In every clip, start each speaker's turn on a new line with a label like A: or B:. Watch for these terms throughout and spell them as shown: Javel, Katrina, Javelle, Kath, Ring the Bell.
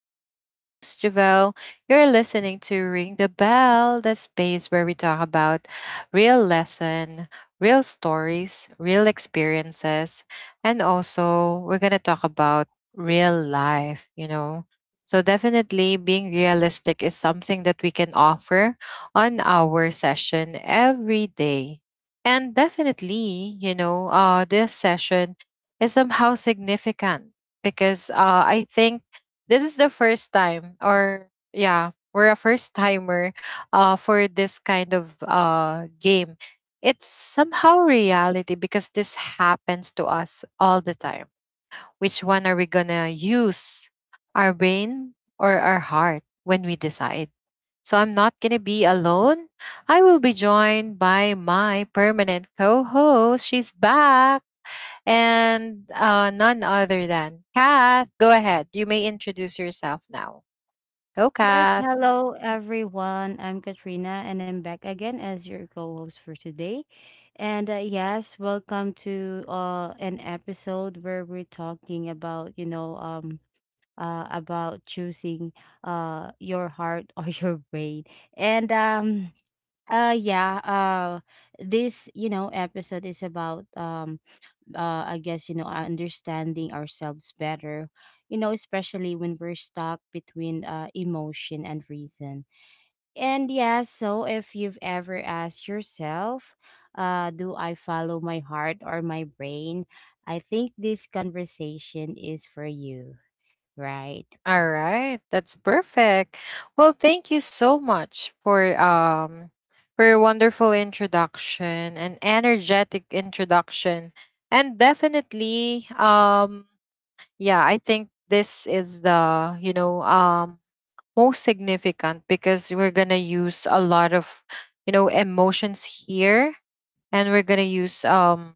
A: I'm your host, Javelle. You're listening to Ring the Bell, the space where we talk about real lesson, real stories, real experiences. And also, we're going to talk about real life. So, definitely, being realistic is something that we can offer on our session every day. And definitely, this session is somehow significant because I think this is the first time, or yeah, we're a first timer for this kind of game. It's somehow reality because this happens to us all the time. Which one are we gonna use, our brain or our heart, when we decide? So I'm not gonna be alone. I will be joined by my permanent co-host. She's back and none other than Kath. Go ahead. You may introduce yourself now. Go,
B: Yes,
A: Kath.
B: hello everyone. I'm Katrina and I'm back again as your co-host for today. And yes, welcome to an episode where we're talking about choosing your heart or your brain. And yeah, this, episode is about I guess, understanding ourselves better, especially when we're stuck between, emotion and reason. And yeah, so if you've ever asked yourself, do I follow my heart or my brain? I think this conversation is for you, right?
A: All right, that's perfect. Well, thank you so much for your wonderful introduction and energetic introduction, and definitely yeah, I think this is the most significant because we're gonna use a lot of emotions here, and we're gonna use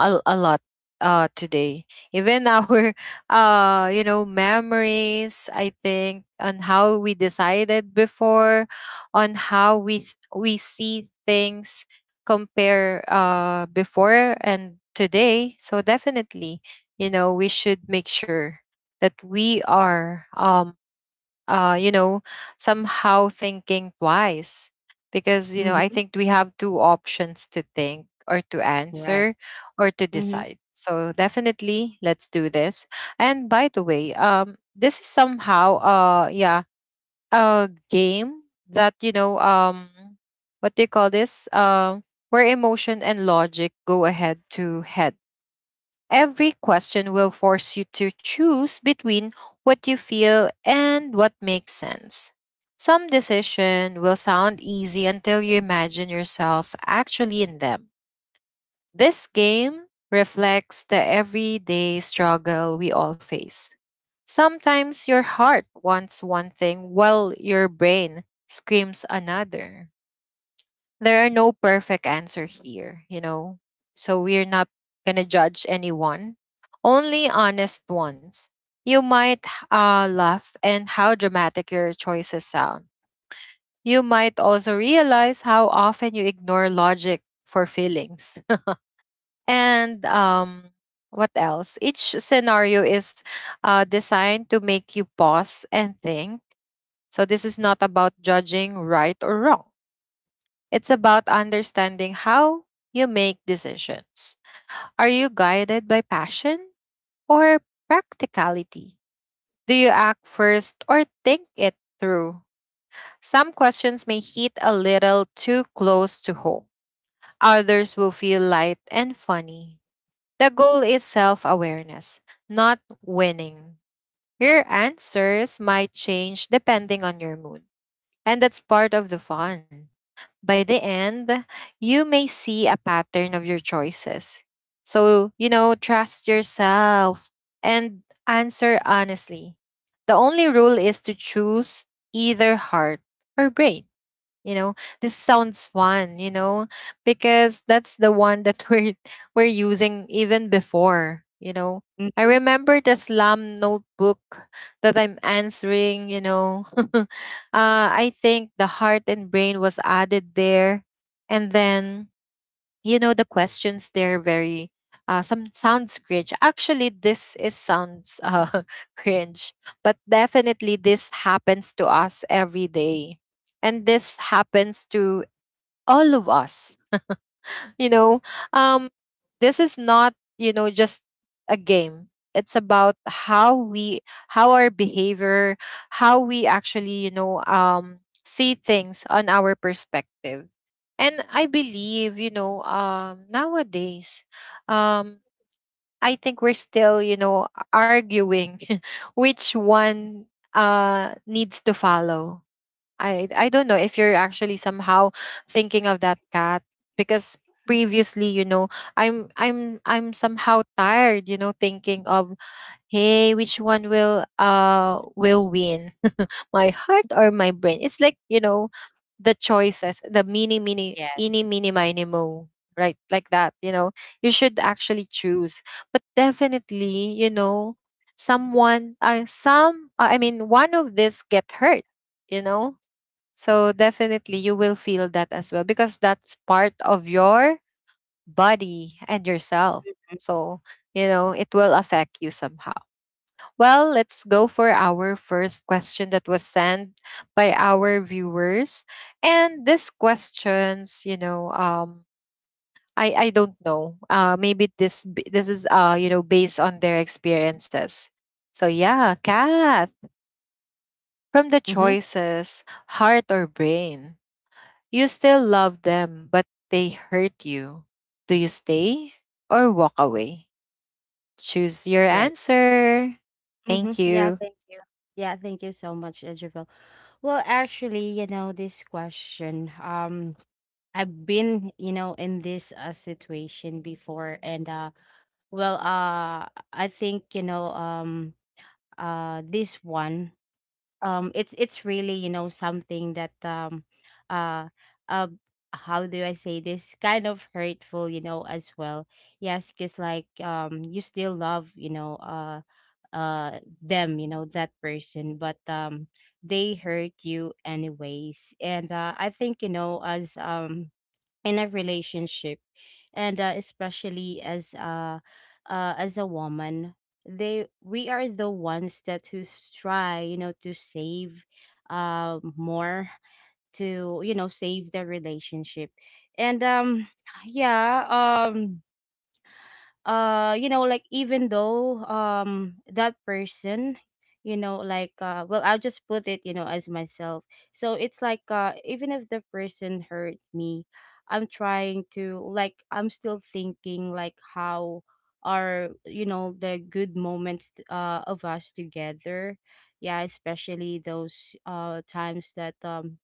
A: a lot today, even our memories, I think, on how we decided before, on how we see things, compare before and today. So definitely, we should make sure that we are uh, you know, somehow thinking twice. Because, I
B: Hmm.
A: think we have two options to think or to
B: Right.
A: answer or to
B: Mm-hmm.
A: decide. So definitely, let's do this. And by the way, this is somehow yeah, a game that, what do you call this? Where emotion and logic go ahead to head. Every question will force you to choose between what you feel and what makes sense. Some decision will sound easy until you imagine yourself actually in them. This game reflects the everyday struggle we all face. Sometimes your heart wants one thing while your brain screams another. There are no perfect answer here. So we're not gonna judge anyone, only honest ones. You might laugh and how dramatic your choices sound. You might also realize how often you ignore logic for feelings. And what else? Each scenario is designed to make you pause and think. So this is not about judging right or wrong. It's about understanding how you make decisions. Are you guided by passion or practicality? Do you act first or think it through? Some questions may hit a little too close to home. Others will feel light and funny. The goal is self awareness, not winning. Your answers might change depending on your mood. And that's part of the fun. By the end, you may see a pattern of your choices. So, trust yourself and answer honestly. The only rule is to choose either heart or brain you know this sounds fun. Because that's the one that we're we're using even before. I
B: Mm-hmm.
A: remember the slam notebook that I'm answering. uh I think the heart and brain was added there. And then, the questions, they're very, some sounds cringe. Actually, this is sounds cringe. But definitely this happens to us every day, and this happens to all of us you know um this is not, just a game. It's about how we, how our behavior, how we actually, see things on our perspective. And I believe, nowadays, um I think we're still, arguing which one needs to follow. I don't know if you're actually somehow thinking of that cat, because previously, I'm somehow tired, thinking of, hey, which one will win? My heart or my brain? It's like, the choices, the mini mini
B: Yes.
A: eeny mini miny mo, right? Like that, you know. You should actually choose. But definitely, someone some I mean, one of this get hurt, you know so definitely you will feel that as well, because that's part of your body and yourself. So, it will affect you somehow. Well, let's go for our first question that was sent by our viewers. And this questions, I don't know. Maybe this is based on their experiences. So yeah, cat, from the
B: Mm-hmm.
A: choices, heart or brain. You still love them, but they hurt you. Do you stay or walk away? Choose your
B: Right.
A: answer. Thank
B: Mm-hmm. Yeah,
A: you.
B: thank you. Yeah, thank you so much, Javel. Well, actually, this question, I've been, in this, situation before. And well, uh, I think, this one, it's really, something that, uh uh how do I say this, kind of hurtful, as well. Yes, because like, you still love, them, that person, but they hurt you anyways. And I think, as, in a relationship, and especially as a, as a woman, they we are the ones that who try, to save, more, to, save the relationship. And yeah um like, even though, that person, like, well, I'll just put it, as myself. So it's like, even if the person hurts me, I'm trying to, like, I'm still thinking, like, how are, the good moments, of us together. Yeah, especially those, times that,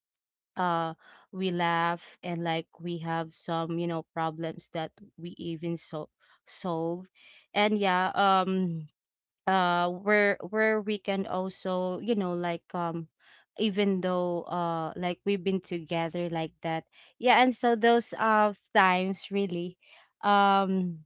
B: uh we laugh and, like, we have some, problems that we even so solve. And yeah, where we can also, like, even though, like, we've been together like that. Yeah, and so those, times really, um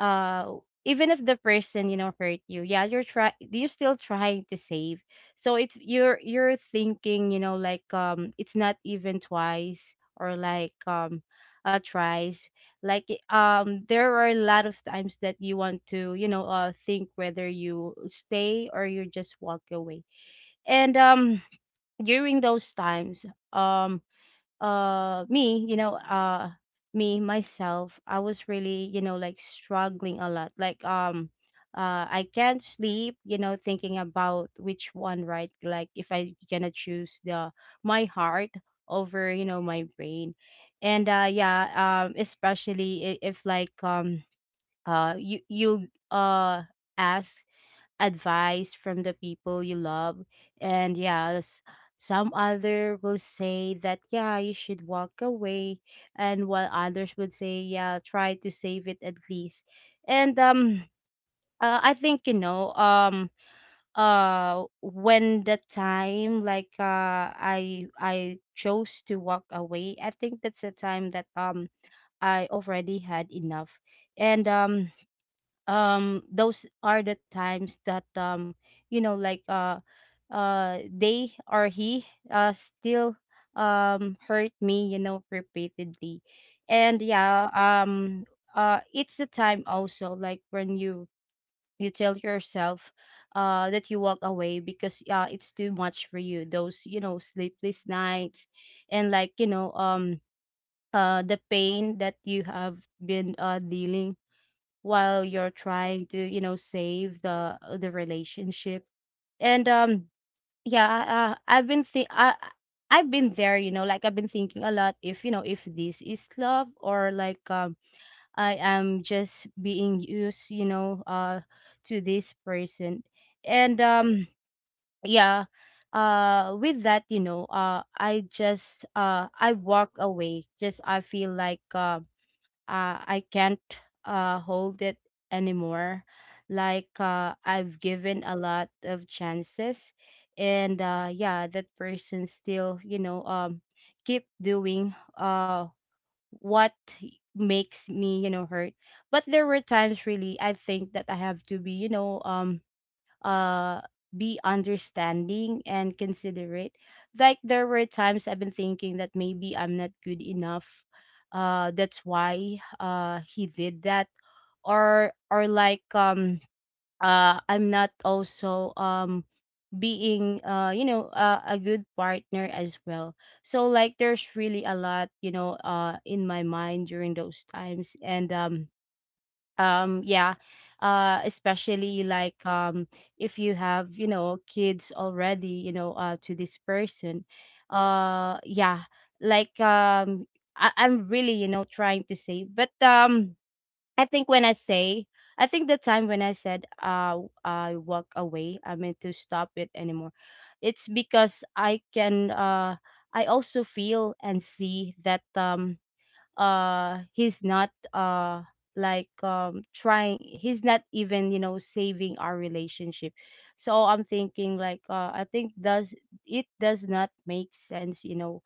B: uh even if the person, hurt you, yeah, you're try you're still trying to save. So it's, you're thinking, like, it's not even twice, or like, a tries, like, there are a lot of times that you want to, think whether you stay or you just walk away. And during those times, um me, me myself, I was really, like, struggling a lot, like, I can't sleep, thinking about which one, right? Like, if I gonna choose the, my heart over, my brain. And yeah, especially if like, you ask advice from the people you love. And yeah, some other will say that, yeah, you should walk away, and while others would say, yeah, try to save it at least. And I think, when the time like, I chose to walk away, I think that's the time that, I already had enough. And those are the times that, like, they or he, still, hurt me, repeatedly. And yeah, it's the time also, like, when you tell yourself, that you walk away, because, yeah, it's too much for you, those, sleepless nights. And like, the pain that you have been, dealing, while you're trying to, save the, the relationship. And yeah, I've been I've been there, like, I've been thinking a lot if, if this is love, or like, I am just being used, to this person. And yeah, with that, I just, I walk away. Just I feel like, I can't, hold it anymore. Like, I've given a lot of chances, and yeah, that person still, keep doing, what makes me, hurt. But there were times, really, I think that I have to be, uh be understanding and considerate. Like, there were times I've been thinking that maybe I'm not good enough, that's why, he did that. Or like, I'm not also, being, a good partner as well. So, like, there's really a lot, in my mind during those times. And yeah, especially like, if you have, kids already, to this person, yeah, like, I'm really, trying to say, but, i think when i say I think the time when I said, I walk away, I meant to stop it anymore. It's because I can, I also feel and see that, he's not, like, trying. He's not even, saving our relationship. So I'm thinking like, I think does, it does not make sense, you know.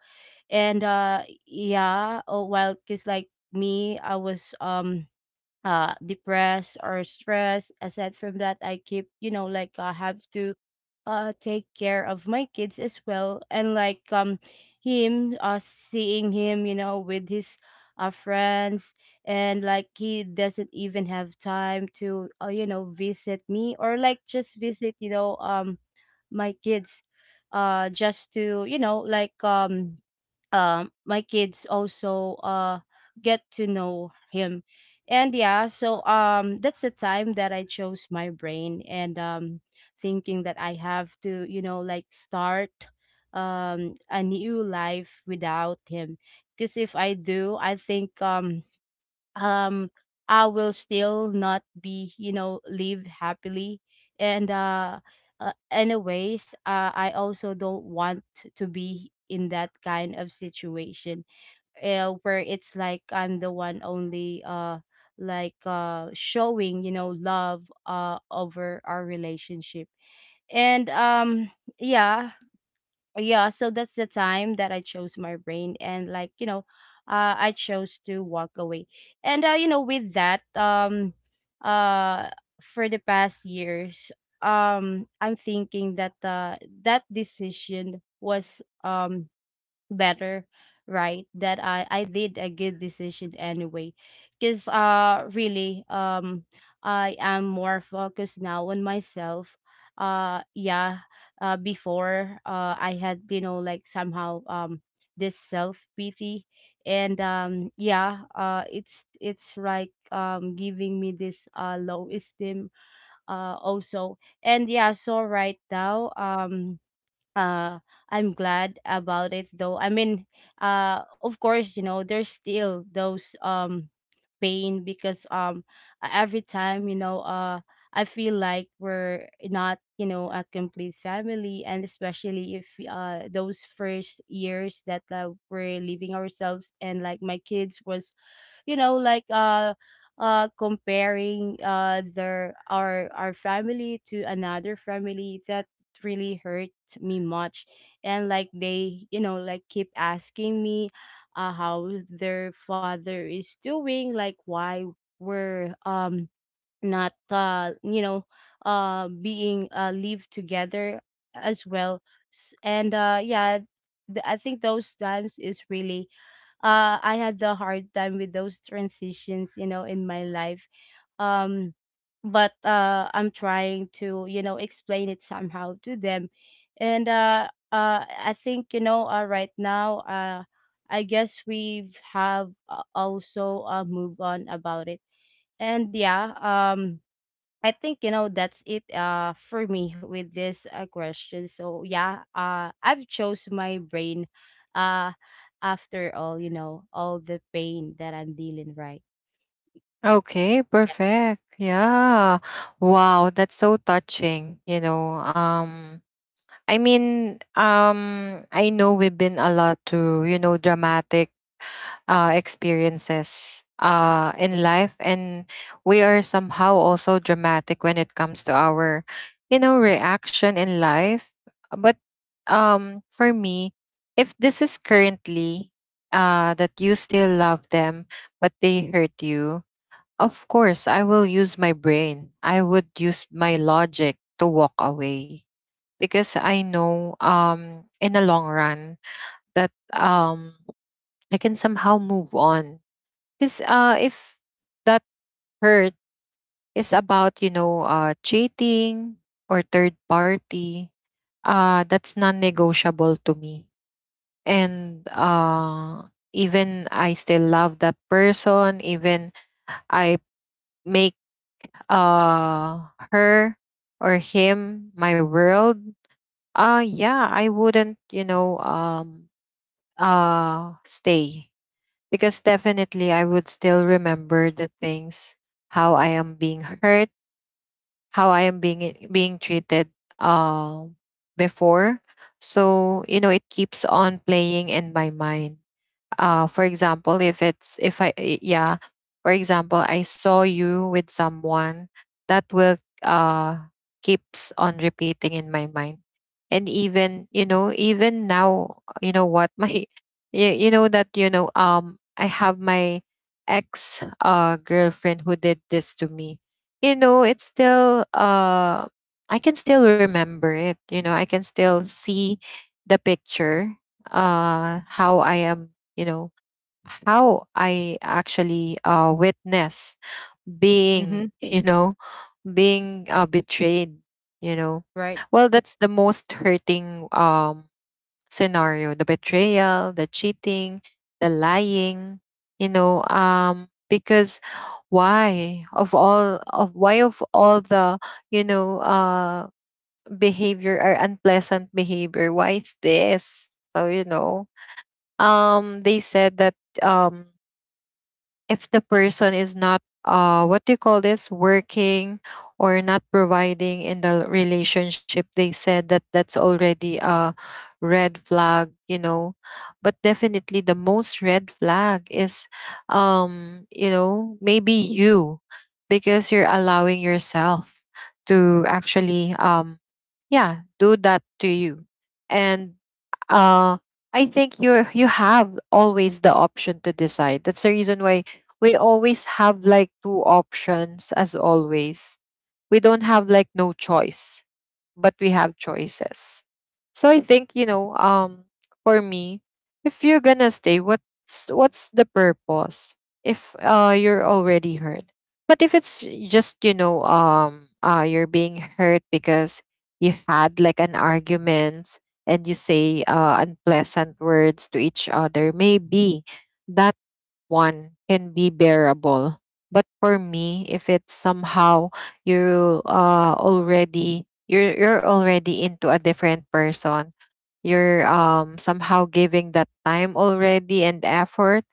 B: And yeah, oh well, because like me, I was, depressed or stressed. Aside from that, I keep, like, I have to, take care of my kids as well. And like, him, seeing him, with his, friends. And like, he doesn't even have time to, you know, visit me, or like just visit, my kids, just to, like, my kids also, get to know him. And yeah, so, that's the time that I chose my brain. And thinking that I have to, like, start, a new life without him. Because if I do, I think, um I will still not be, live happily. And anyways, I also don't want to be in that kind of situation, where it's like I'm the one only, like, showing, love over our relationship. And yeah, yeah, so that's the time that I chose my brain. And, like, you know, I chose to walk away. And you know, with that, uh for the past years, I'm thinking that, that decision was, better, right? That I did a good decision anyway, because, really, I am more focused now on myself. Yeah, before, I had, like, somehow, this self pity. And yeah, it's like, giving me this, low esteem, also. And yeah, so right now, uh I'm glad about it though. I mean, of course, you know, there's still those, pain, because, every time, I feel like we're not, you know, a complete family. And especially if, those first years that, we're leaving ourselves, and like my kids was, like, comparing, their, our family to another family, that really hurt me much. And like they, like, keep asking me, how their father is doing, like, why we're, not, being, live together as well. And yeah, I think those times is really, I had a hard time with those transitions, you know, in my life. Um, but I'm trying to, you know, explain it somehow to them. And I think, right now, I guess we've have, also, moved on about it. And yeah, I think, you know, that's it, for me with this, question. So yeah, I've chose my brain, uh after all, you know, all the pain that I'm dealing, right.
A: Okay, perfect. Yeah. Wow, that's so touching. I mean, I know we've been a lot to, dramatic experiences in life, and we are somehow also dramatic when it comes to our, reaction in life. But for me, if this is currently that you still love them but they hurt you, of course I will use my brain. I would use my logic to walk away, because I know, in the long run, that, I can somehow move on. Because if that hurt is about, cheating or third party, that's non negotiable to me. And even I still love that person, even I make her or him my world, yeah, I wouldn't, stay. Because definitely I would still remember the things, how I am being hurt, how I am being treated, before. So, it keeps on playing in my mind, for example, if it's, if I I- yeah, for example, I saw you with someone. That will uh keeps on repeating in my mind. And even, even now, what, my, that, I have my ex girlfriend who did this to me, it's still, I can still remember it, I can still see the picture, how I am, you know how I actually witness being,
B: Mhm.
A: being betrayed you know
B: Right.
A: well, that's the most hurting scenario, the betrayal, the cheating, the lying, because, why of all of, why of all the, you know uh behavior or unpleasant behavior, why is this so, they said that, um if the person is not what do you call this, working or not providing in the relationship, they said that that's already a red flag, but definitely the most red flag is, maybe you, because you're allowing yourself to actually, yeah, do that to you. And uh I think you are, you have always the option to decide. That's the reason why we always have like two options, as always, we don't have like no choice, but we have choices. So I think, for me, if you're gonna stay, what's the purpose if you're already hurt? But if it's just, you're being hurt because you had like an argument and you say unpleasant words to each other, maybe that one can be bearable. But for me, if it's somehow, you're already into a different person, you're somehow giving that time already and effort,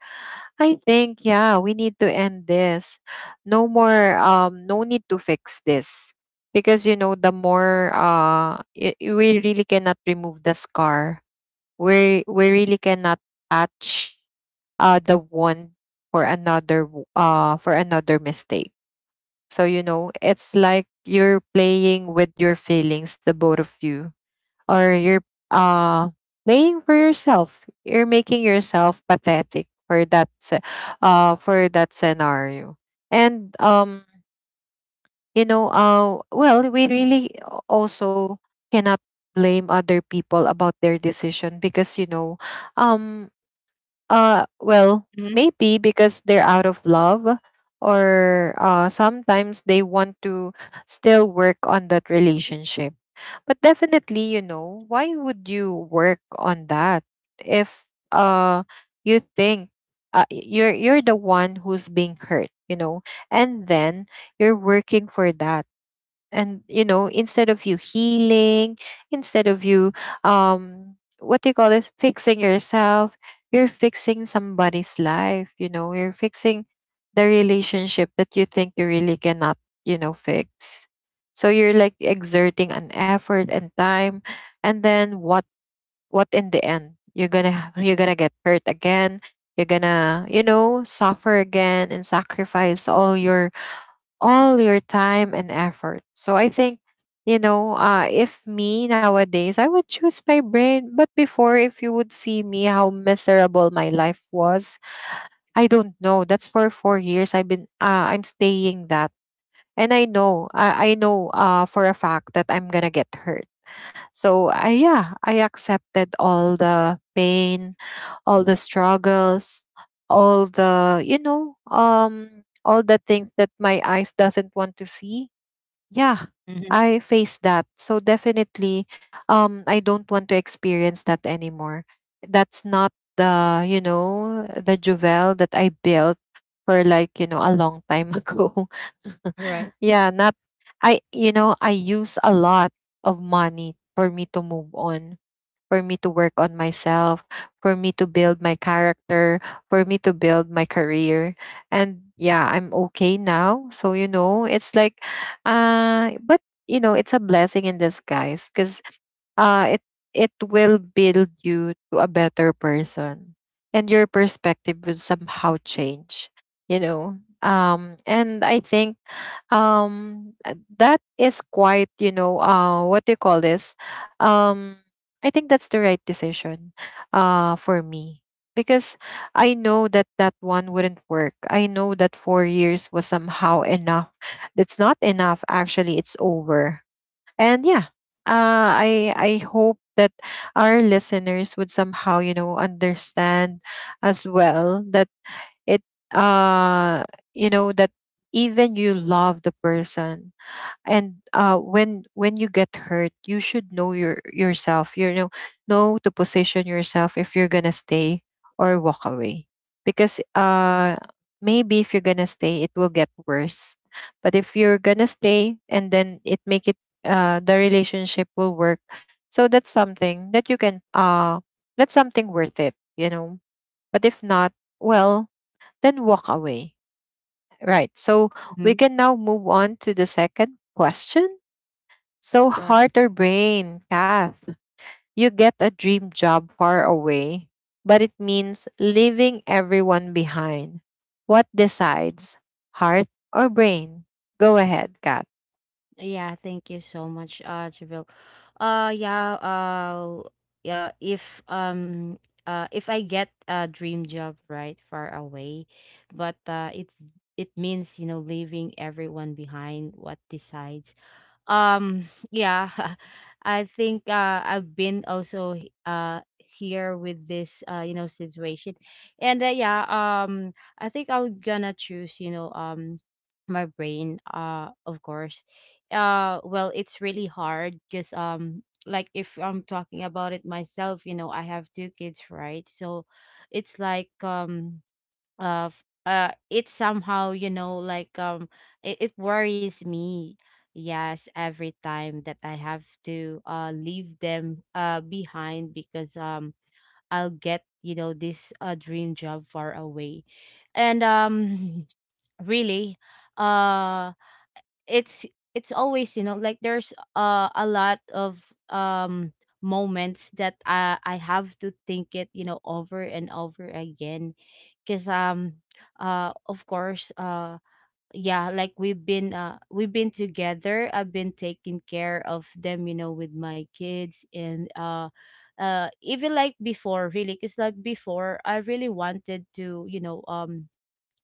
A: I think, yeah, we need to end this. No more, no need to fix this. Because you know, the more we really cannot remove the scar. We really cannot patch the one for another, for another mistake. So you know, it's like you're playing with your feelings, the both of you, or you're uh, playing for yourself. You're making yourself pathetic for for that scenario. And you know, well, we really also cannot blame other people about their decision, because you know, um well,
B: Mhm.
A: maybe because they're out of love, or sometimes they want to still work on that relationship. But definitely, you know, why would you work on that if uh you think, you're the one who's being hurt, you know, and then you're working for that. And you know, instead of you healing, instead of you, what do you call it, fixing yourself, you're fixing somebody's life. You know, you're fixing the relationship that you think you really cannot, you know, fix. So you're like exerting an effort and time, and then what? What, in the end, you're you're gonna get hurt again. You're gonna, you know, suffer again and sacrifice all your, all your time and effort. So I think, if me nowadays, I would choose my brain. But before, if you would see me how miserable my life was, I don't know. That's for 4 years. I've been, I'm staying that. And I know, I know for a fact that I'm going to get hurt. Yeah, I accepted all the pain, all the struggles, all the, all the things that my eyes doesn't want to see, yeah,
B: Mhm.
A: I faced that. So definitely, I don't want to experience that anymore. That's not the, the Juvel that I built for like, a long time ago.
B: Right.
A: Yeah, not I I use a lot of money for me to move on, for me to work on myself, for me to build my character, for me to build my career. And yeah, I'm okay now. So, you know, it's like, uh, but, you know, it's a blessing in disguise because it, it will build you to a better person and your perspective will somehow change, you know. And I think that is quite you know what do you call this? um I think that's the right decision for me because I know that that one wouldn't work. I know that 4 years was somehow enough. It's not enough actually, it's over. And yeah, I hope that our listeners would somehow, you know, understand as well that it, uh you know, that even you love the person and when you get hurt you should know your yourself, you know to position yourself if you're gonna stay or walk away, because maybe if you're gonna stay it will get worse. But if you're gonna stay and then it make it, the relationship will work. So that's something that you can that's something worth it, you know. But if not, well, then walk away. Right. So we
B: Mhm.
A: can now move on to the second question. So,
B: Right.
A: heart or brain, Kath, you get a dream job far away, but it means leaving everyone behind. What decides, heart or brain? Go ahead, Kath.
B: Yeah, thank you so much, Jabril. Uh, yeah, uh, yeah, if um if I get a dream job, right, far away, but it means, leaving everyone behind, what decides? um yeah I think I've been also here with this situation. And I think I'm gonna choose, my brain, of course. Well, it's really hard because like if I'm talking about it myself, you know, I have two kids, right? So it's like of it somehow, it worries me, yes, every time that I have to leave them behind, because I'll get, you know, this dream job far away. And Really. uh it's it's always, you know, like there's a lot of um moments that I have to think it, you know, over and over again, because of course. Yeah, like we've been together, I've been taking care of them, you know, with my kids. And even like before, really, because like before, I really wanted to,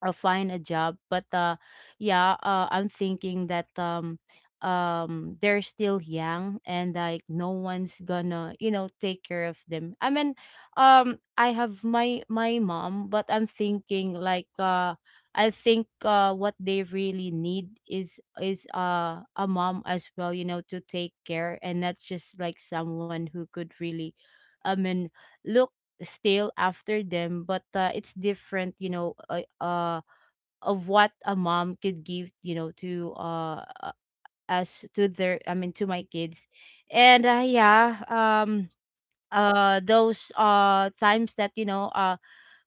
B: I'll find a job. But yeah, I'm thinking that they're still young and like no one's gonna, you know, take care of them. I mean, I have my mom, but I'm thinking like I think what they really need is a mom as well, you know, to take care, and not just like someone who could really, I mean, look still after them. But it's different, you know, of what a mom could give, you know, to us to their I mean, to my kids. And those times that, you know,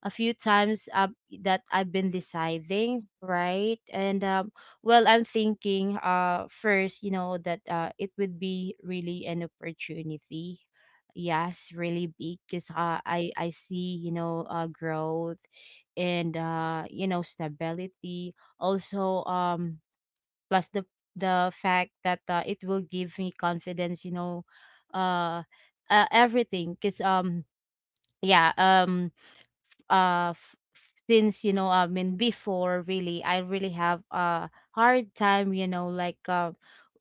B: a few times that I've been deciding, right? And well, I'm thinking, first, you know, that it would be really an opportunity. Yes, really big, because I see, you know, growth and you know, stability. Also, plus the fact that it will give me confidence. You know, uh, everything. Because yeah um since, you know, I mean, before, really, I really have a hard time, you know, like uh,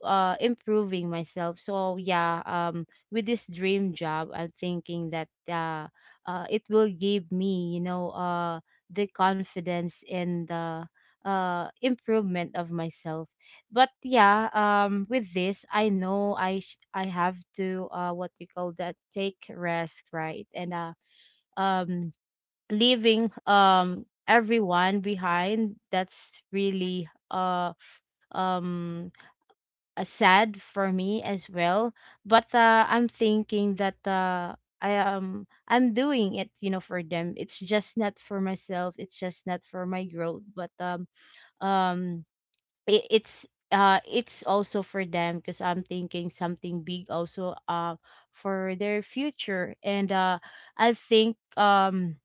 B: uh improving myself. So with this dream job, I'm thinking that it will give me, you know, the confidence and the improvement of myself. But with this, I know I have to what you call that, take rest, right? And um leaving everyone behind, that's really um sad for me as well. But I'm thinking that I'm doing it, you know, for them. It's just not for myself, it's just not for my growth. But um it's it's also for them, because I'm thinking something big also for their future. And I think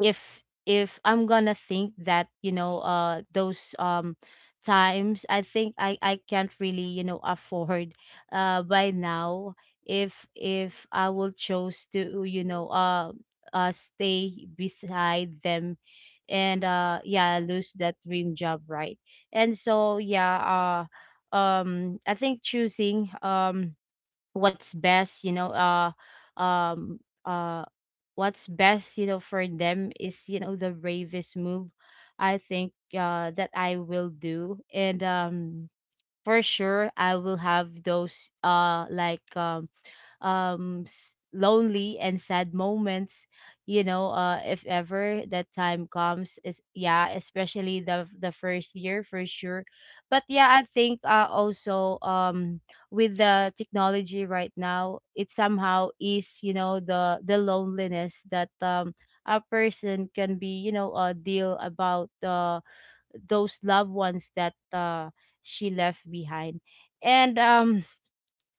B: if I'm gonna think that, you know, those times, I think I can't really, you know, afford by now, if I will choose to, you know, stay beside them and yeah, lose that dream job, right? And so yeah, I think choosing what's best you know uh um uh what's best, you know, for them is, you know, the bravest move, I think, that I will do. And for sure I will have those like lonely and sad moments, you know, if ever that time comes, is yeah, especially the first year for sure. But yeah, I think also, with the technology right now, it somehow is, you know, the loneliness that a person can be, you know, deal about, those loved ones that she left behind. And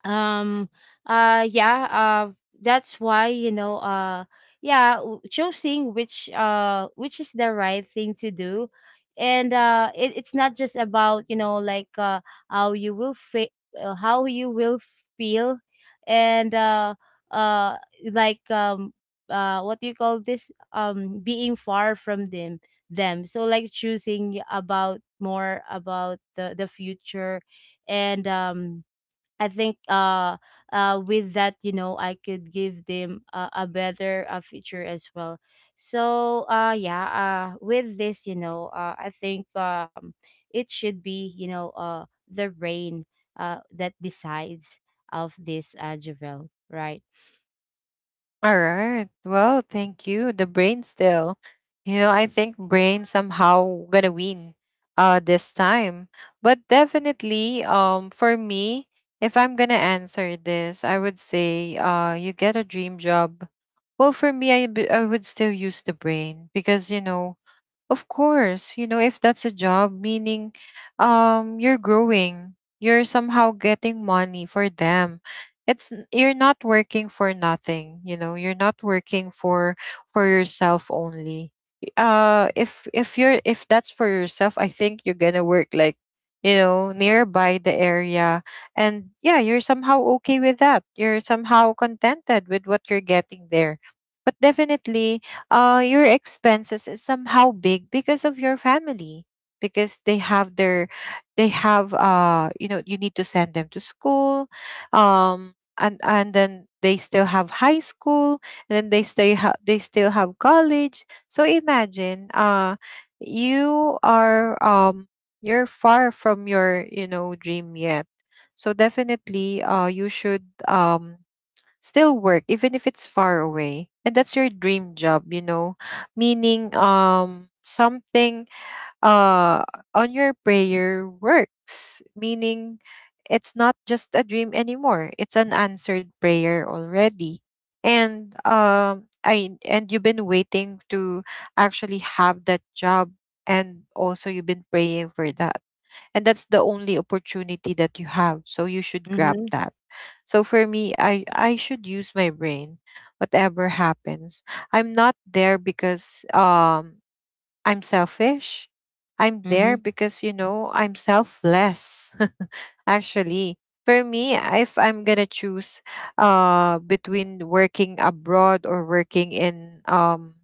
B: um yeah, that's why, you know, choosing which is the right thing to do. And it's not just about, you know, like how you will feel, how you will feel. And uh like what do you call this, being far from them. So like choosing about more about the future. And I think with that, you know, I could give them a better future as well. So yeah, with this, you know, I think it should be, you know, the brain that decides of this, Javel, right?
A: All right. Well, thank you. The brain still. You know, I think brain somehow gonna win this time. But definitely, for me, if I'm gonna answer this, I would say you get a dream job. Well, for me, I would still use the brain because you know, of course, you know, if that's a job, meaning you're growing, you're somehow getting money for them. It's n- you're not working for nothing, you know, you're not working for yourself only. If you're if that's for yourself, I think you're going to work like, you know, nearby the area, and yeah, you're somehow okay with that. You're somehow contented with what you're getting there. But definitely your expenses is somehow big because of your family, because they have their, they have you know, you need to send them to school. And then they still have high school and then they stay ha- they still have college. So imagine you are you're far from your, you know, dream yet. So definitely you should still work even if it's far away, and that's your dream job, you know, meaning something uh on your prayer works, meaning it's not just a dream anymore, it's an answered prayer already. And I and you've been waiting to actually have that job, and also you've been praying for that, and that's the only opportunity that you have so you should grab
B: Mhm.
A: that. So for me, I should use my brain whatever happens. I'm not there because I'm selfish. I'm there
B: Mhm.
A: because, you know, I'm selfless. Actually, for me, if I'm going to choose between working abroad or working in,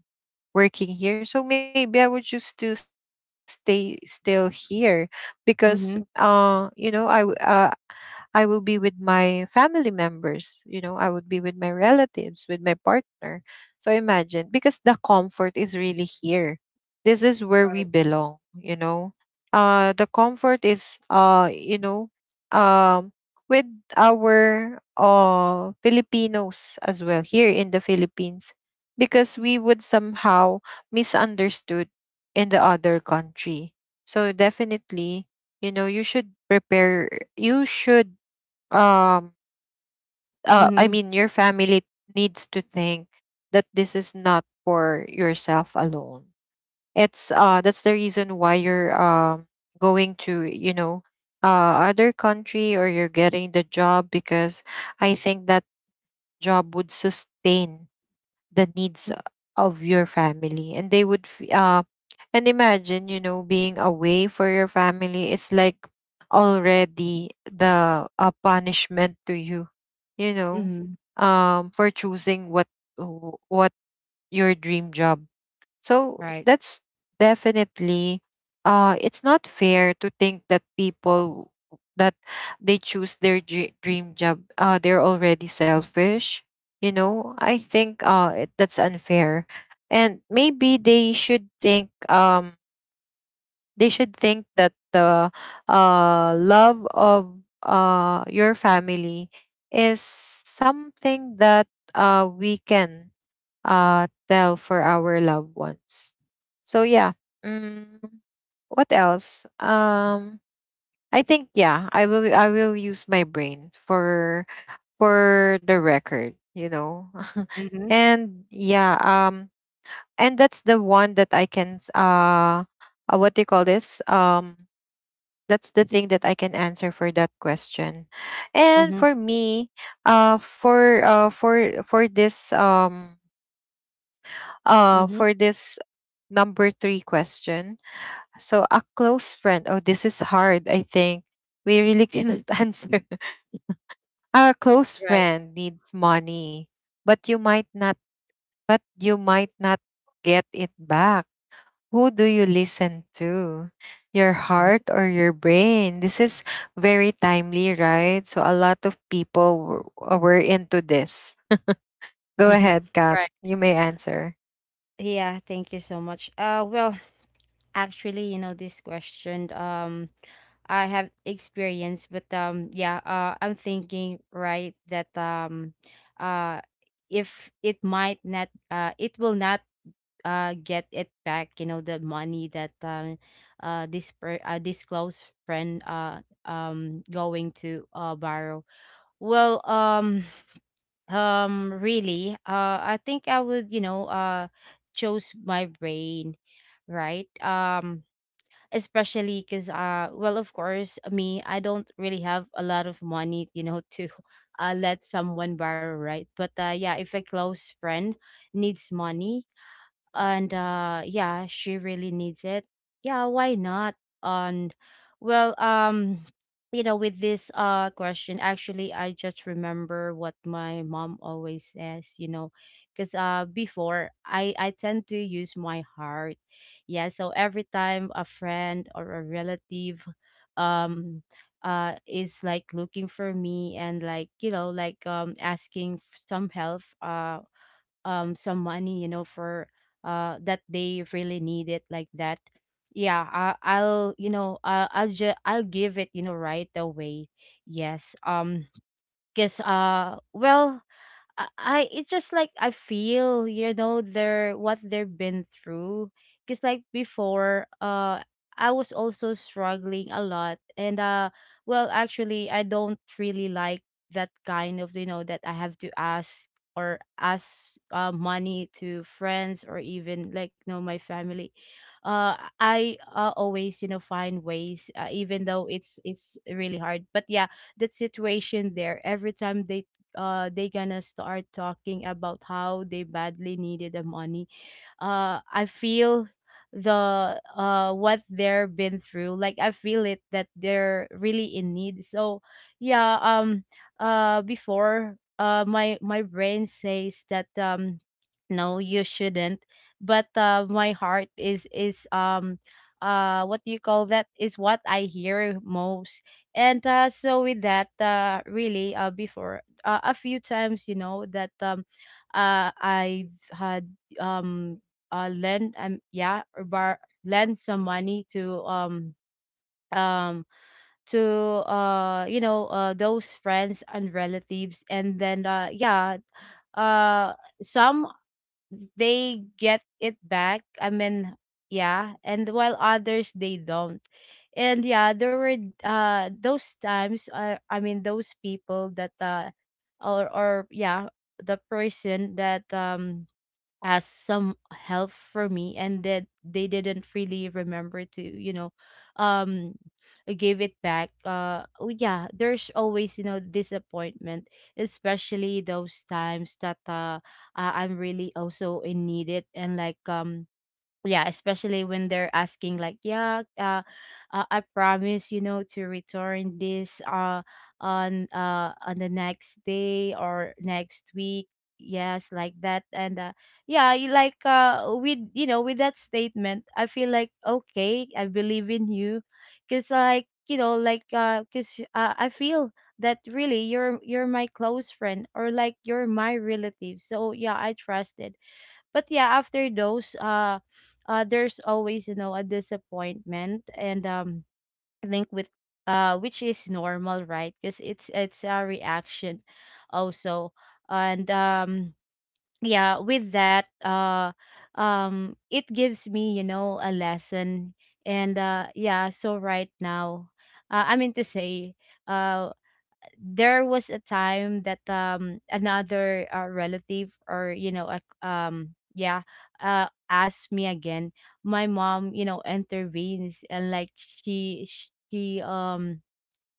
A: working here, so maybe I would choose to stay still here because,
B: Mhm.
A: you know, I will be with my family members, you know, I would be with my relatives, with my partner. So imagine, because the comfort is really here. This is where we
B: Right.
A: belong, you know. The comfort is, you know, um with our Filipinos as well here in the Philippines, because we would somehow misunderstood in the other country. So definitely you know you should prepare, you should um I
B: Mhm.
A: mean your family needs to think that this is not for yourself alone. It's that's the reason why you're going to, you know, other country, or you're getting the job because I think that job would sustain the needs of your family. And they would f- and imagine, you know, being away for your family, it's like already the a punishment to you, you know,
B: Mhm.
A: for choosing what w- what your dream job. So
B: Right.
A: that's definitely it's not fair to think that people that they choose their dr- dream job, they're already selfish. You know, I think that's unfair. And maybe they should think that the love of your family is something that we can, tell for our loved ones. So yeah. Mm, what else? I think yeah, I will use my brain for the record, you know.
B: Mhm.
A: And yeah, and that's the one that I can what do you call this? That's the thing that I can answer for that question. And
B: Mhm.
A: for me, uh for uh for for this um
B: Mhm.
A: for this number three question. So a close friend. Oh, this is hard. I think we really cannot answer. Our close
B: Right.
A: friend needs money, but you might not. But you might not get it back. Who do you listen to? Your
B: Mhm.
A: heart or your brain? This is very timely, right? So a lot of people were into this. Go ahead, Kat.
B: Right.
A: You may answer.
B: Yeah, thank you so much. Well, actually, you know, this question. I have experience, but yeah. I'm thinking right that uh, if it might not, it will not get it back, you know, the money that this per this close friend going to borrow. Well, really, I think I would, you know, choose my brain, right? Especially because, well, of course, me, I don't really have a lot of money, you know, to let someone borrow, right? But yeah, if a close friend needs money, and yeah, she really needs it, yeah, why not? And well, you know, with this question, actually, I just remember what my mom always says, you know, because before, I tend to use my heart. Yeah, so every time a friend or a relative um is like looking for me, and like, you know, like asking some help, some money, you know, for that they really need it, like that, yeah, I'll, you know, I'll just I'll give it, you know, right away, yes. 'Cause well, I, it's just like I feel, you know, their what they've been through, because like before, I was also struggling a lot. And well, actually, I don't really like that kind of, you know, that I have to ask, or ask money to friends, or even like, no, my family. I always, you know, find ways, even though it's really hard. But yeah, that situation there, every time they gonna start talking about how they badly needed the money, I feel the what they're been through, like I feel it, that they're really in need. So yeah um before, my brain says that no, you shouldn't. But my heart is what do you call that, is what I hear most. And so with that, really, before, a few times, you know, that I've had um lend yeah, or bar lend some money to um to you know, those friends and relatives. And then yeah, uh some, they get it back. I mean, yeah, and while others, they don't. And yeah, there were those times, I mean, those people that or yeah, the person that as some help for me, and that they didn't really remember to, you know, um give it back. Oh, yeah, there's always, you know, disappointment, especially those times that I'm really also in needed. And like, yeah, especially when they're asking like, yeah, I promise, you know, to return this on the next day or next week, yes, like that. And yeah, you like, with, you know, with that statement, I feel like, okay, I believe in you, because like, you know, like because I feel that really you're my close friend or like you're my relative. So yeah, I trusted. But yeah, after those there's always, you know, a disappointment. And I think with, which is normal, right? Because it's a reaction also. And yeah, with that, it gives me, you know, a lesson. And yeah, so right now, I mean to say, uh there was a time that another relative or, you know, a um yeah asked me again, my mom, you know, intervenes. And like she she um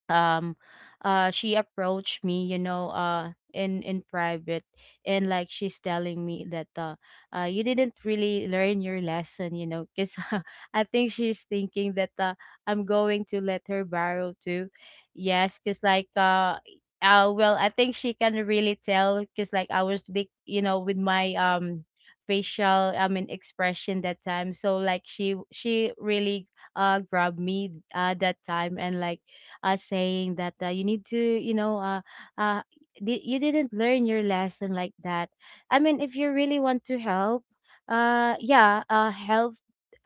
B: um she approached me, you know, in private. And like she's telling me that you didn't really learn your lesson, you know, because I think she's thinking that I'm going to let her borrow too, yes. Because like well, I think she can really tell, because like I was big, you know, with my facial, I mean, expression that time. So like she really grabbed me that time. And like, saying that, you need to, you know, uh, you didn't learn your lesson, like that. I mean, if you really want to help, yeah, help.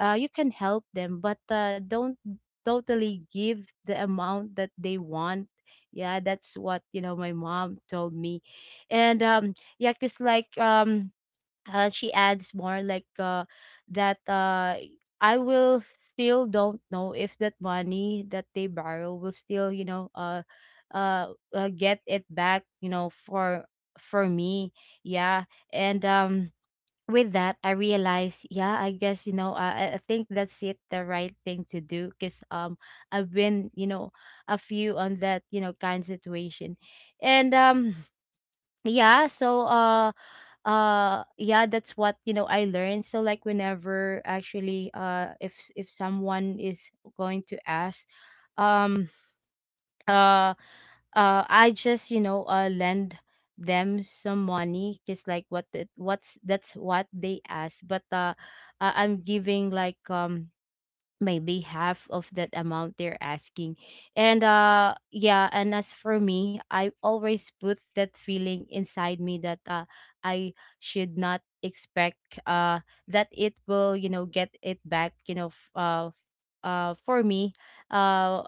B: You can help them, but don't totally give the amount that they want. Yeah, that's what, you know. My mom told me, and yeah, cause like she adds more like that I will still don't know if that money that they borrow will still, you know, get it back, you know, for me, yeah. And with that, I realize, yeah, I guess, you know, I think that's it the right thing to do, because I've been, you know, a few on that, you know, kind situation. And yeah, so yeah, that's what, you know, I learned. So like, whenever, actually, if someone is going to ask, um uh I just, you know, lend them some money, just like what the, what's that's what they ask. But I'm giving, like, maybe half of that amount they're asking. And yeah, and as for me, I always put that feeling inside me that I should not expect that it will, you know, get it back, you know, for me, uh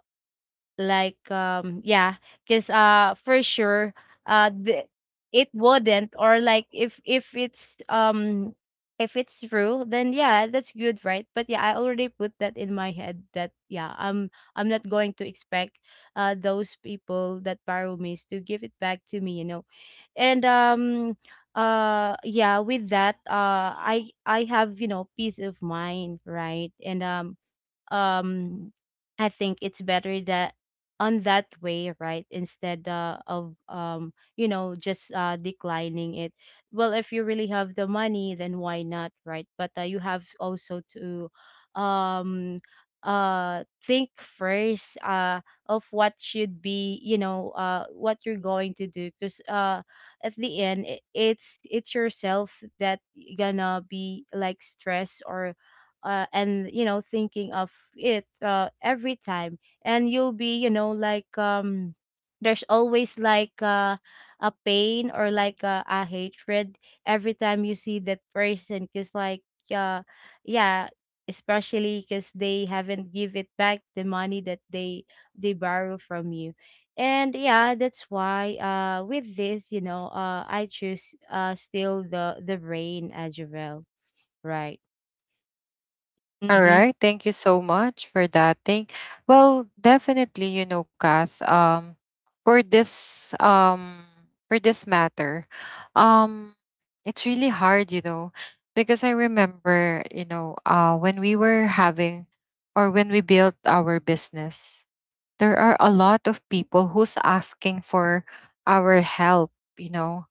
B: like, yeah, because for sure uh the, it wouldn't. Or like, if it's if it's true, then yeah, that's good, right? But yeah, I already put that in my head that yeah, I'm not going to expect those people that borrow me to give it back to me, you know. And yeah, with that, I have, you know, peace of mind, right? And um I think it's better that on that way, right? Instead of, you know, just declining it. Well, if you really have the money, then why not, right? But you have also to um think first of what should be, you know, what you're going to do, because at the end, it's yourself that gonna be like stressed, or and you know, thinking of it every time, and you'll be, you know, like, there's always like a pain, or like a hatred, every time you see that person, because like, uh, yeah, especially because they haven't give it back the money that they borrow from you. And yeah, that's why with this, you know, I choose still the brain as well, right.
A: All
B: Mm-hmm.
A: right. Thank you so much for that. Thing, well, definitely, you know, Kath, for this um for this matter, um, it's really hard, you know, because I remember, you know, when we were having or when we built our business, there are a lot of people who's asking for our help, you know,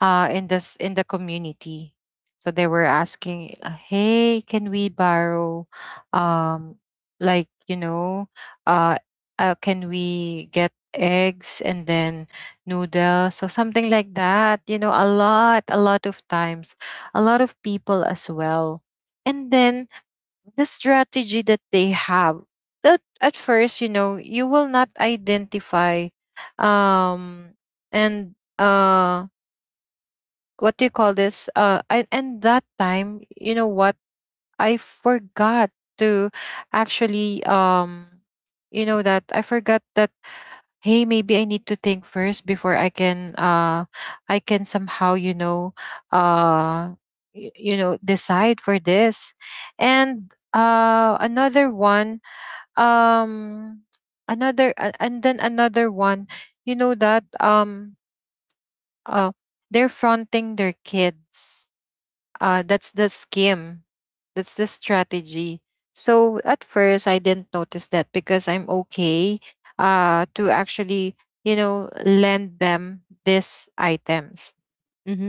A: in this in the community. So they were asking, "Hey, can we borrow, um, like you know, uh, can we get eggs and then noodles or something like that?" You know, a lot of times, a lot of people as well. And then the strategy that they have. That at first, you know, you will not identify, um, and what do you call this? And that time you know what I forgot to actually you know, that I forgot that hey, maybe I need to think first before I can I can somehow, you know, uh you know, decide for this. And another one, um another and then another one, you know, that uh they're fronting their kids. That's the scheme, that's the strategy. So at first I didn't notice that because I'm okay, to actually, you know, lend them these items.
B: Mm-hmm.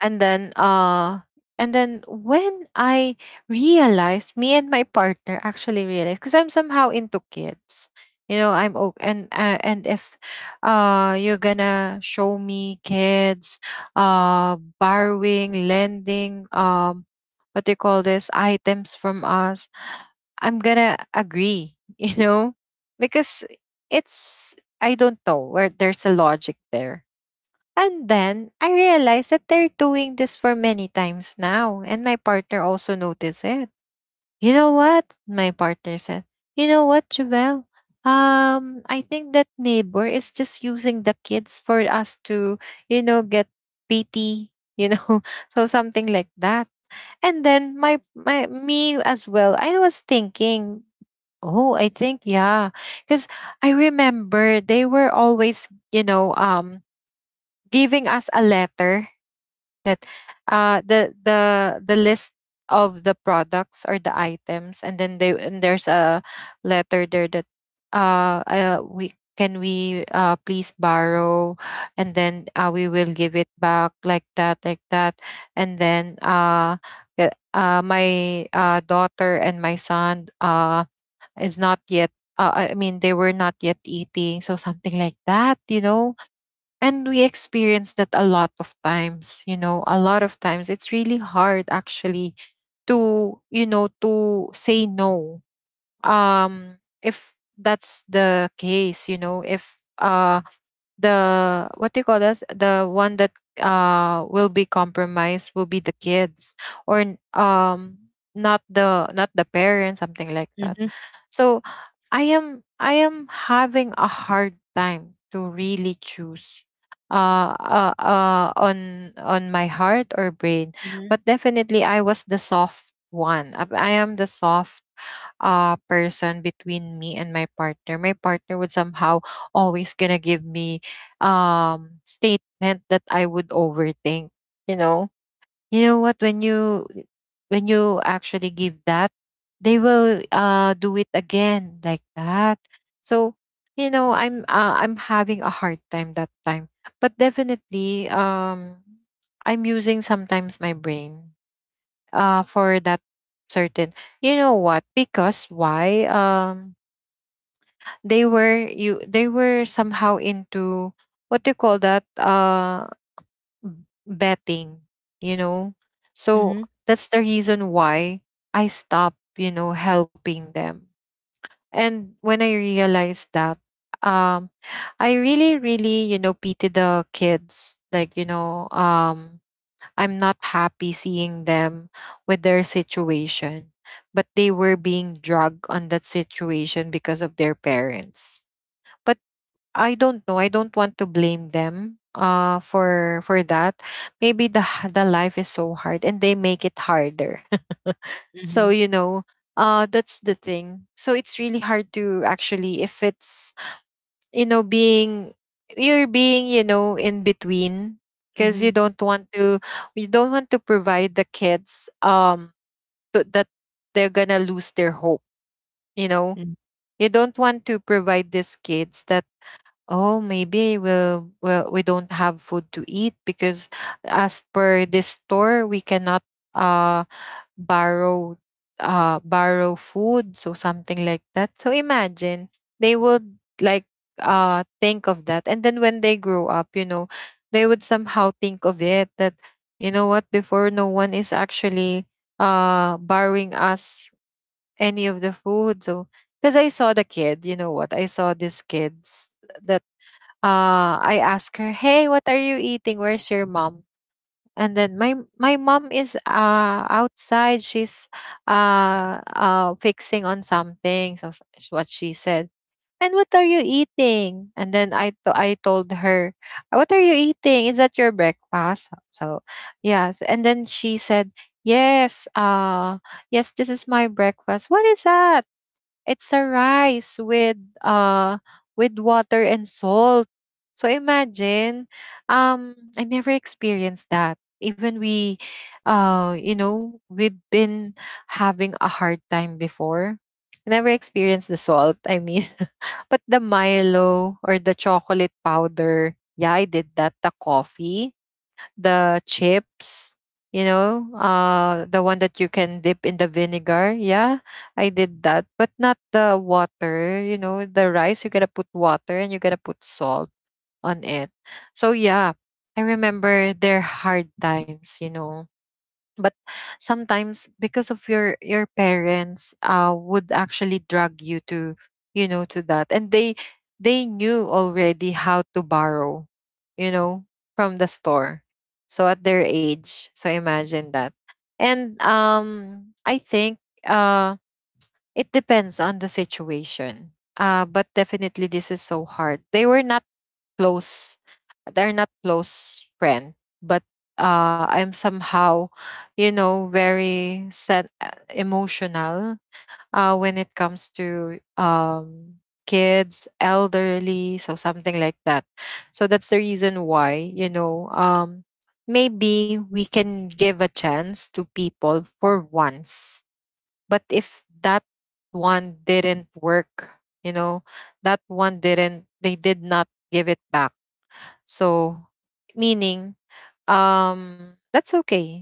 A: and then uh and then when I realized, me and my partner actually realized, because I'm somehow into kids, you know, I'm o- and if you're gonna show me kids, borrowing, lending, what do you call this, items from us, I'm gonna agree. You know, because it's, I don't know where there's a logic there. And then I realized that they're doing this for many times now, and my partner also noticed it. You know what? My partner said, you know what, Javel? I think that neighbor is just using the kids for us to, you know, get pity, you know, so something like that. And then my me as well, I was thinking, oh, I think yeah. Because I remember they were always, you know, giving us a letter that the list of the products or the items, and then they, and there's a letter there that we can we please borrow, and then we will give it back, like that, like that. And then my daughter and my son is not yet I mean they were not yet eating, so something like that, you know. And we experience that a lot of times, you know, a lot of times. It's really hard actually to, you know, to say no. If that's the case, you know, if the what do you call this? The one that will be compromised will be the kids, or not the not the parents, something like that.
B: Mhm.
A: So I am having a hard time to really choose on my heart or brain.
B: Mhm.
A: But definitely I was the soft one. I am the soft person between me and my partner. My partner would somehow always gonna give me statement that I would overthink, you know you know what when you actually give that they will do it again like that so you know I'm having a hard time that time. But definitely, I'm using sometimes my brain for that certain, you know what. Because why they were you they were somehow into, what do you call that, betting, you know. So
B: Mhm.
A: that's the reason why I stopped, you know, helping them. And when I realized that, um, I really, really, you know, pity the kids. Like, you know, I'm not happy seeing them with their situation, but they were being dragged on that situation because of their parents. But I don't know. I don't want to blame them for that. Maybe the life is so hard and they make it harder. So
B: Mhm.
A: you know, that's the thing. So it's really hard to actually, if it's, you know, being, you're being, you know, in between, because you
B: Mhm.
A: don't want to, you don't want to provide the kids to, that they're going to lose their hope, you know.
B: Mhm.
A: You don't want to provide these kids that, oh, maybe we'll, well, we don't have food to eat because as per this store, we cannot uh borrow borrow food, so something like that. So imagine they would like think of that. And then when they grow up, you know, they would somehow think of it that, you know what, before no one is actually borrowing us any of the food. So because I saw the kid, you know what, I saw these kids that I ask her, "Hey, what are you eating? Where's your mom?" And then my mom is outside. She's fixing on something. So is what she said. And what are you eating? And then I told her, "What are you eating? Is that your breakfast?" So yes. And then she said, "Yes. Yes. This is my breakfast. What is that?" It's a rice with water and salt. So imagine, I never experienced that. Even we, you know, we've been having a hard time before. I never experienced the salt. I mean, but the Milo or the chocolate powder, yeah, I did that. The coffee, the chips, you know, the one that you can dip in the vinegar. Yeah, I did that, but not the water. You know, the rice, you gotta put water and you gotta put salt on it. So, yeah, I remember their hard times, you know, but sometimes because of your parents would actually drag you to, you know, to that, and they knew already how to borrow, you know, from the store, so at their age, so imagine that. And I think uh, it depends on the situation. But definitely this is so hard. They were not close. They're not close friend, but I'm somehow, you know, very emotional when it comes to kids, elderly, so something like that. So that's the reason why, you know, maybe we can give a chance to people for once, but if that one didn't work, you know, that one didn't, they did not give it back, so meaning, that's okay,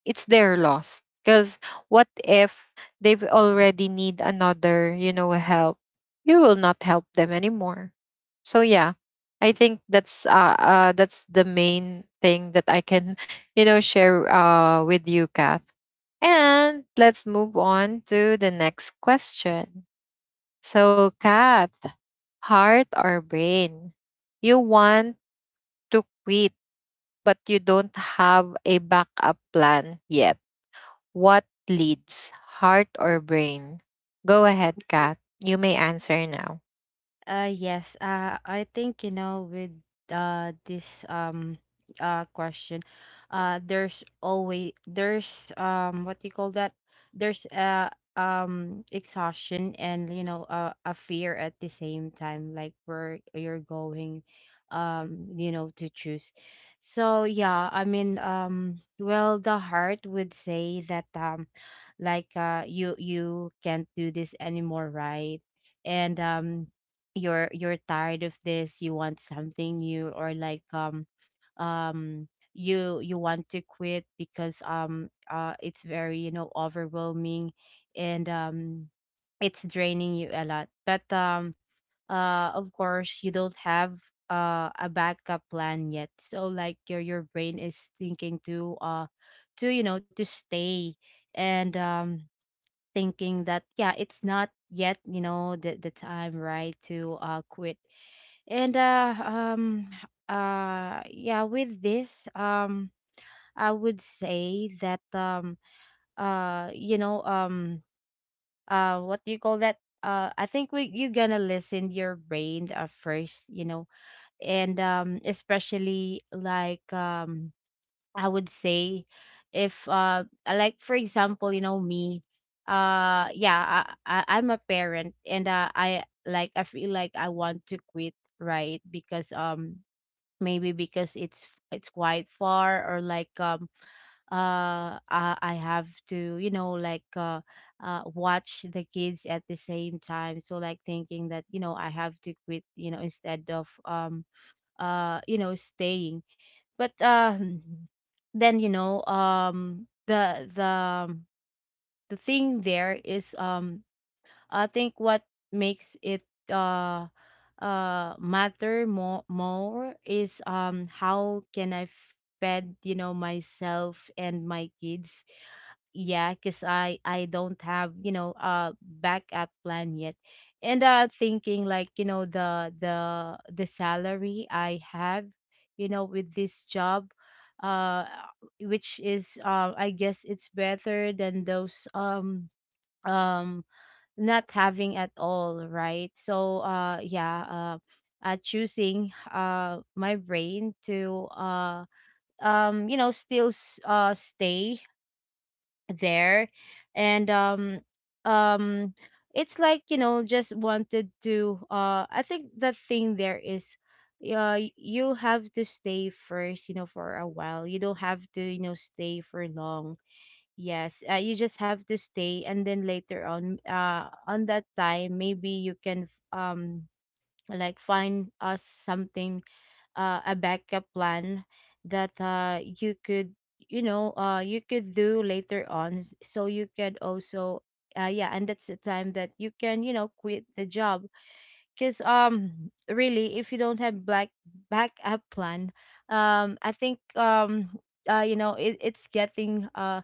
A: it's their loss. Because what if they've already need another, you know, help, you will not help them anymore. So yeah, I think that's the main thing that I can, you know, share with you, Kath. And let's move on to the next question. So Kath, heart or brain? You want to quit but you don't have a backup plan yet. What leads, heart or brain? Go ahead, Kat. You may answer now.
B: Yes. I think, you know, with this question, there's, what do you call that? There's exhaustion and, you know, a fear at the same time, like where you're going, you know, to choose. So yeah, I mean, well, the heart would say that, like, you can't do this anymore, right? And you're tired of this, you want something new, or like, um you want to quit, because it's very, you know, overwhelming. And it's draining you a lot, but of course you don't have a backup plan yet, so like your brain is thinking to you know, to stay. And thinking that yeah, it's not yet, you know, the time right to quit. And yeah, with this, I would say that, you know, what do you call that? I think we you're gonna listen your brain first, you know. And especially, like, I would say, if like, for example, you know, me, yeah, I'm a parent, and I feel like I want to quit, right? Because, maybe because it's quite far, or like, I have to, you know, like, watch the kids at the same time, so like thinking that, you know, I have to quit, you know, instead of you know staying. But then, you know, the thing there is, I think what makes it uh matter more is, how can I fed, you know, myself and my kids. Yeah, cause I don't have, you know, a backup plan yet, and thinking, like, you know, the salary I have, you know, with this job, uh which is, I guess, it's better than those, um not having at all, right? So yeah, choosing my brain to you know, still stay there. And, um it's like, you know, just wanted to I think the thing there is, you have to stay first, you know, for a while. You don't have to, you know, stay for long. Yes, you just have to stay, and then later on that time, maybe you can, like find us something, a backup plan that you could, you know, you could do later on, so you can also, yeah, and that's the time that you can, you know, quit the job, cause really, if you don't have black backup plan, I think, you know, it's getting uh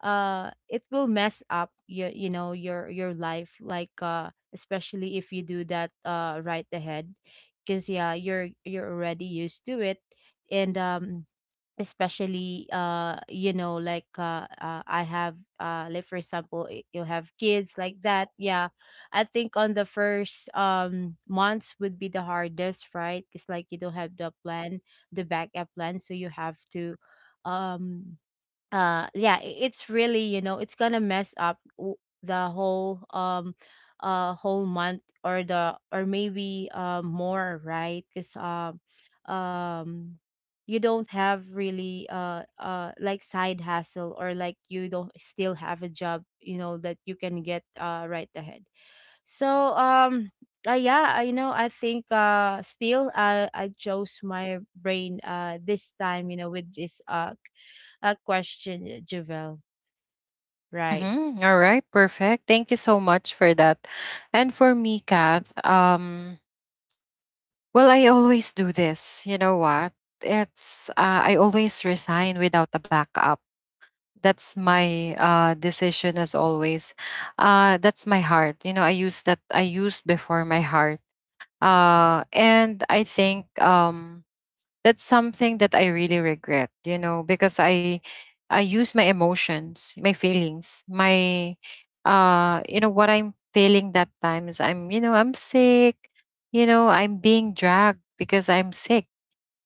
B: uh it will mess up your, you know, your life, like, especially if you do that right ahead, because yeah, you're already used to it. And especially, you know, like, I have like, for example, you have kids like that, yeah. I think on the first, months would be the hardest, right? It's like, you don't have the backup plan, so you have to, um yeah, it's really, you know, it's gonna mess up the whole, whole month, or maybe more, right? Because, um you don't have really like side hustle, or like, you don't still have a job, you know, that you can get right ahead. So, yeah, I know, I think, still, I chose my brain this time, you know, with this question, Javel. Right,
A: Mm-hmm. All right, perfect. Thank you so much for that. And for me, Kath, well, I always do this. You know what? It's I always resign without a backup. That's my decision as always. That's my heart. You know, I use that. I used before my heart. And I think that's something that I really regret, you know, because I use my emotions, my feelings, my, you know, what I'm feeling that times. I'm, you know, I'm sick, you know, I'm being dragged because I'm sick,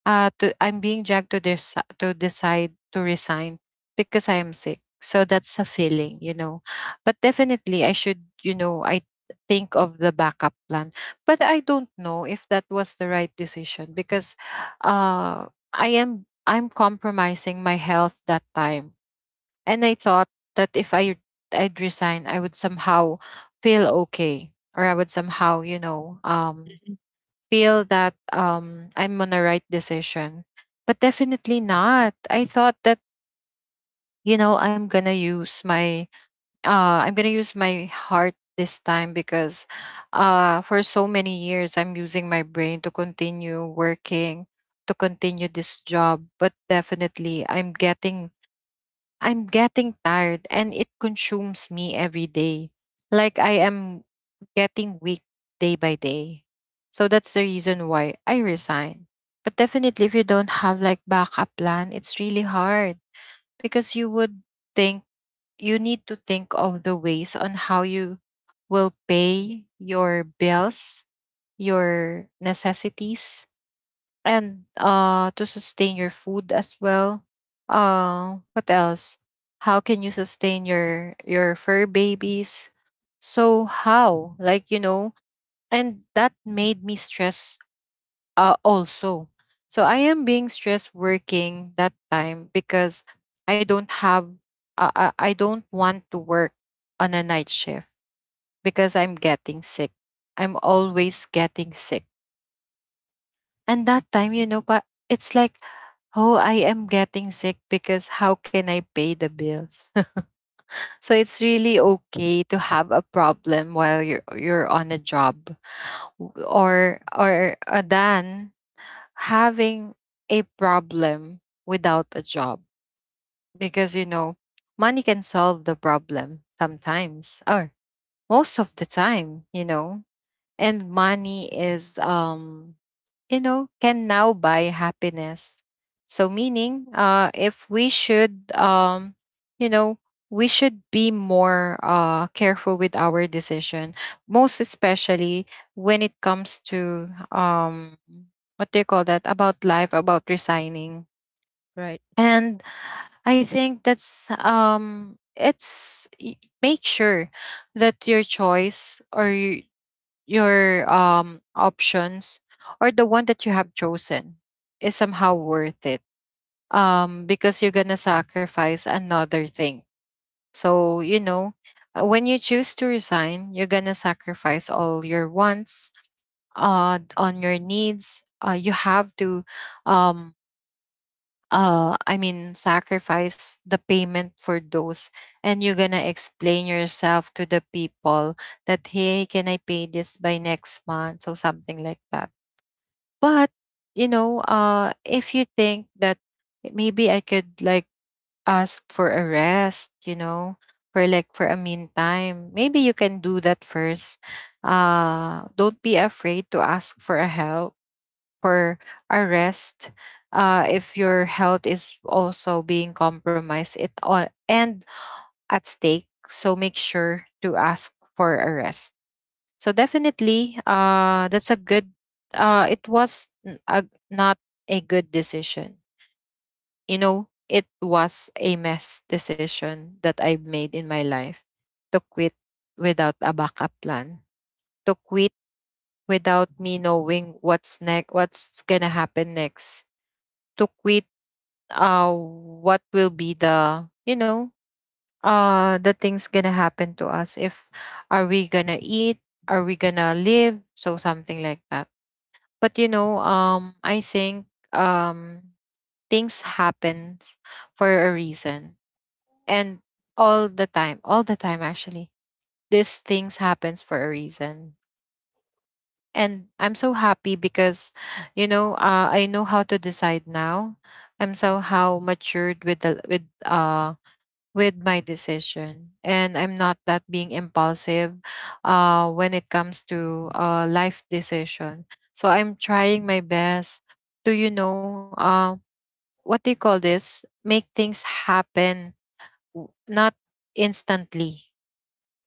A: I'm being dragged to this, to decide to resign because I am sick. So that's a feeling, you know. But definitely, I should, you know, I think of the backup plan. But I don't know if that was the right decision because, uh, I'm compromising my health that time, and I thought that if I'd resign, I would somehow feel okay, or I would somehow, you know, feel that, I'm on the right decision. But definitely not. I thought that, you know, I'm gonna use my heart this time, because for so many years I'm using my brain to continue working, to continue this job. But definitely I'm getting tired and it consumes me every day. Like I am getting weak day by day. So that's the reason why I resign. But definitely if you don't have like backup plan, it's really hard, because you would think, you need to think of the ways on how you will pay your bills, your necessities, and to sustain your food as well. What else, how can you sustain your fur babies? So how, like, you know, and that made me stress also. So I am being stressed working that time because I don't have, I don't want to work on a night shift because I'm getting sick, I'm always getting sick. And that time, you know, but it's like, oh, I am getting sick, because how can I pay the bills? So it's really okay to have a problem while you're on a job, W- or than having a problem without a job. Because you know, money can solve the problem sometimes, or most of the time, you know. And money is, you know, can now buy happiness. So, meaning, if we should, you know, we should be more careful with our decision, most especially when it comes to, what do you call that, about life, about resigning.
B: right.
A: And I think that's, make sure that your choice or your options or the one that you have chosen is somehow worth it, because you're gonna sacrifice another thing. So you know, when you choose to resign you're gonna sacrifice all your wants, on your needs. You have to, um I mean sacrifice the payment for those. And you're gonna explain yourself to the people that, hey, can I pay this by next month, or something like that. But you know, if you think that maybe I could like ask for a rest, you know, for like for a meantime, maybe you can do that first. Don't be afraid to ask for a help, for our rest, if your health is also being compromised, it all and at stake. So make sure to ask for a rest. So definitely, that's a good. A, not a good decision. You know, it was a mess decision that I made in my life, to quit without a backup plan, to quit without me knowing what's next, what's gonna happen next, to quit, uh what will be the, you know, the things gonna happen to us, if are we gonna eat, are we gonna live, so something like that. But you know, I think, um things happens for a reason. And all the time, all the time actually, these things happens for a reason. And I'm so happy, because you know, I know how to decide now. I'm somehow matured with the with my decision, and I'm not that being impulsive when it comes to life decision. So I'm trying my best to, you know, what do you call this, make things happen, not instantly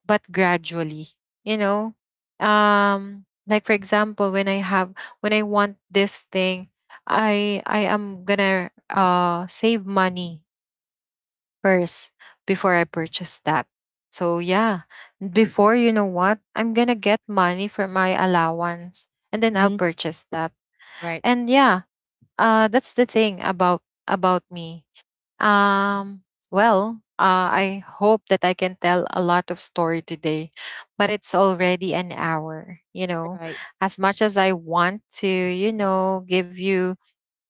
A: but gradually, you know. um like for example, when I want this thing, I am gonna save money first before I purchase that. So yeah, before, you know what, I'm gonna get money from my allowance and then I'll
B: Mm-hmm.
A: purchase that.
B: Right,
A: And yeah, that's the thing about me. Um well, I hope that I can tell a lot of story today, but it's already an hour, you know.
B: right.
A: As much as I want to, you know,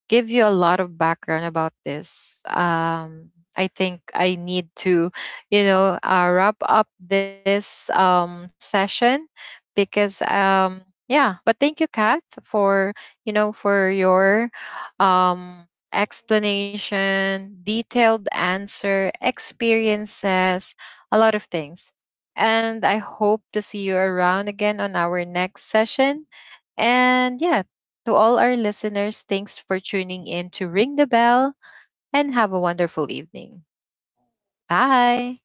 A: give you a lot of background about this. I think I need to, you know, wrap up this session because, yeah. But thank you, Kat, for, you know, for your um, explanation, detailed answer, experiences, a lot of things. And I hope to see you around again on our next session. And yeah, to all our listeners, thanks for tuning in to Ring the Bell and have a wonderful evening. Bye.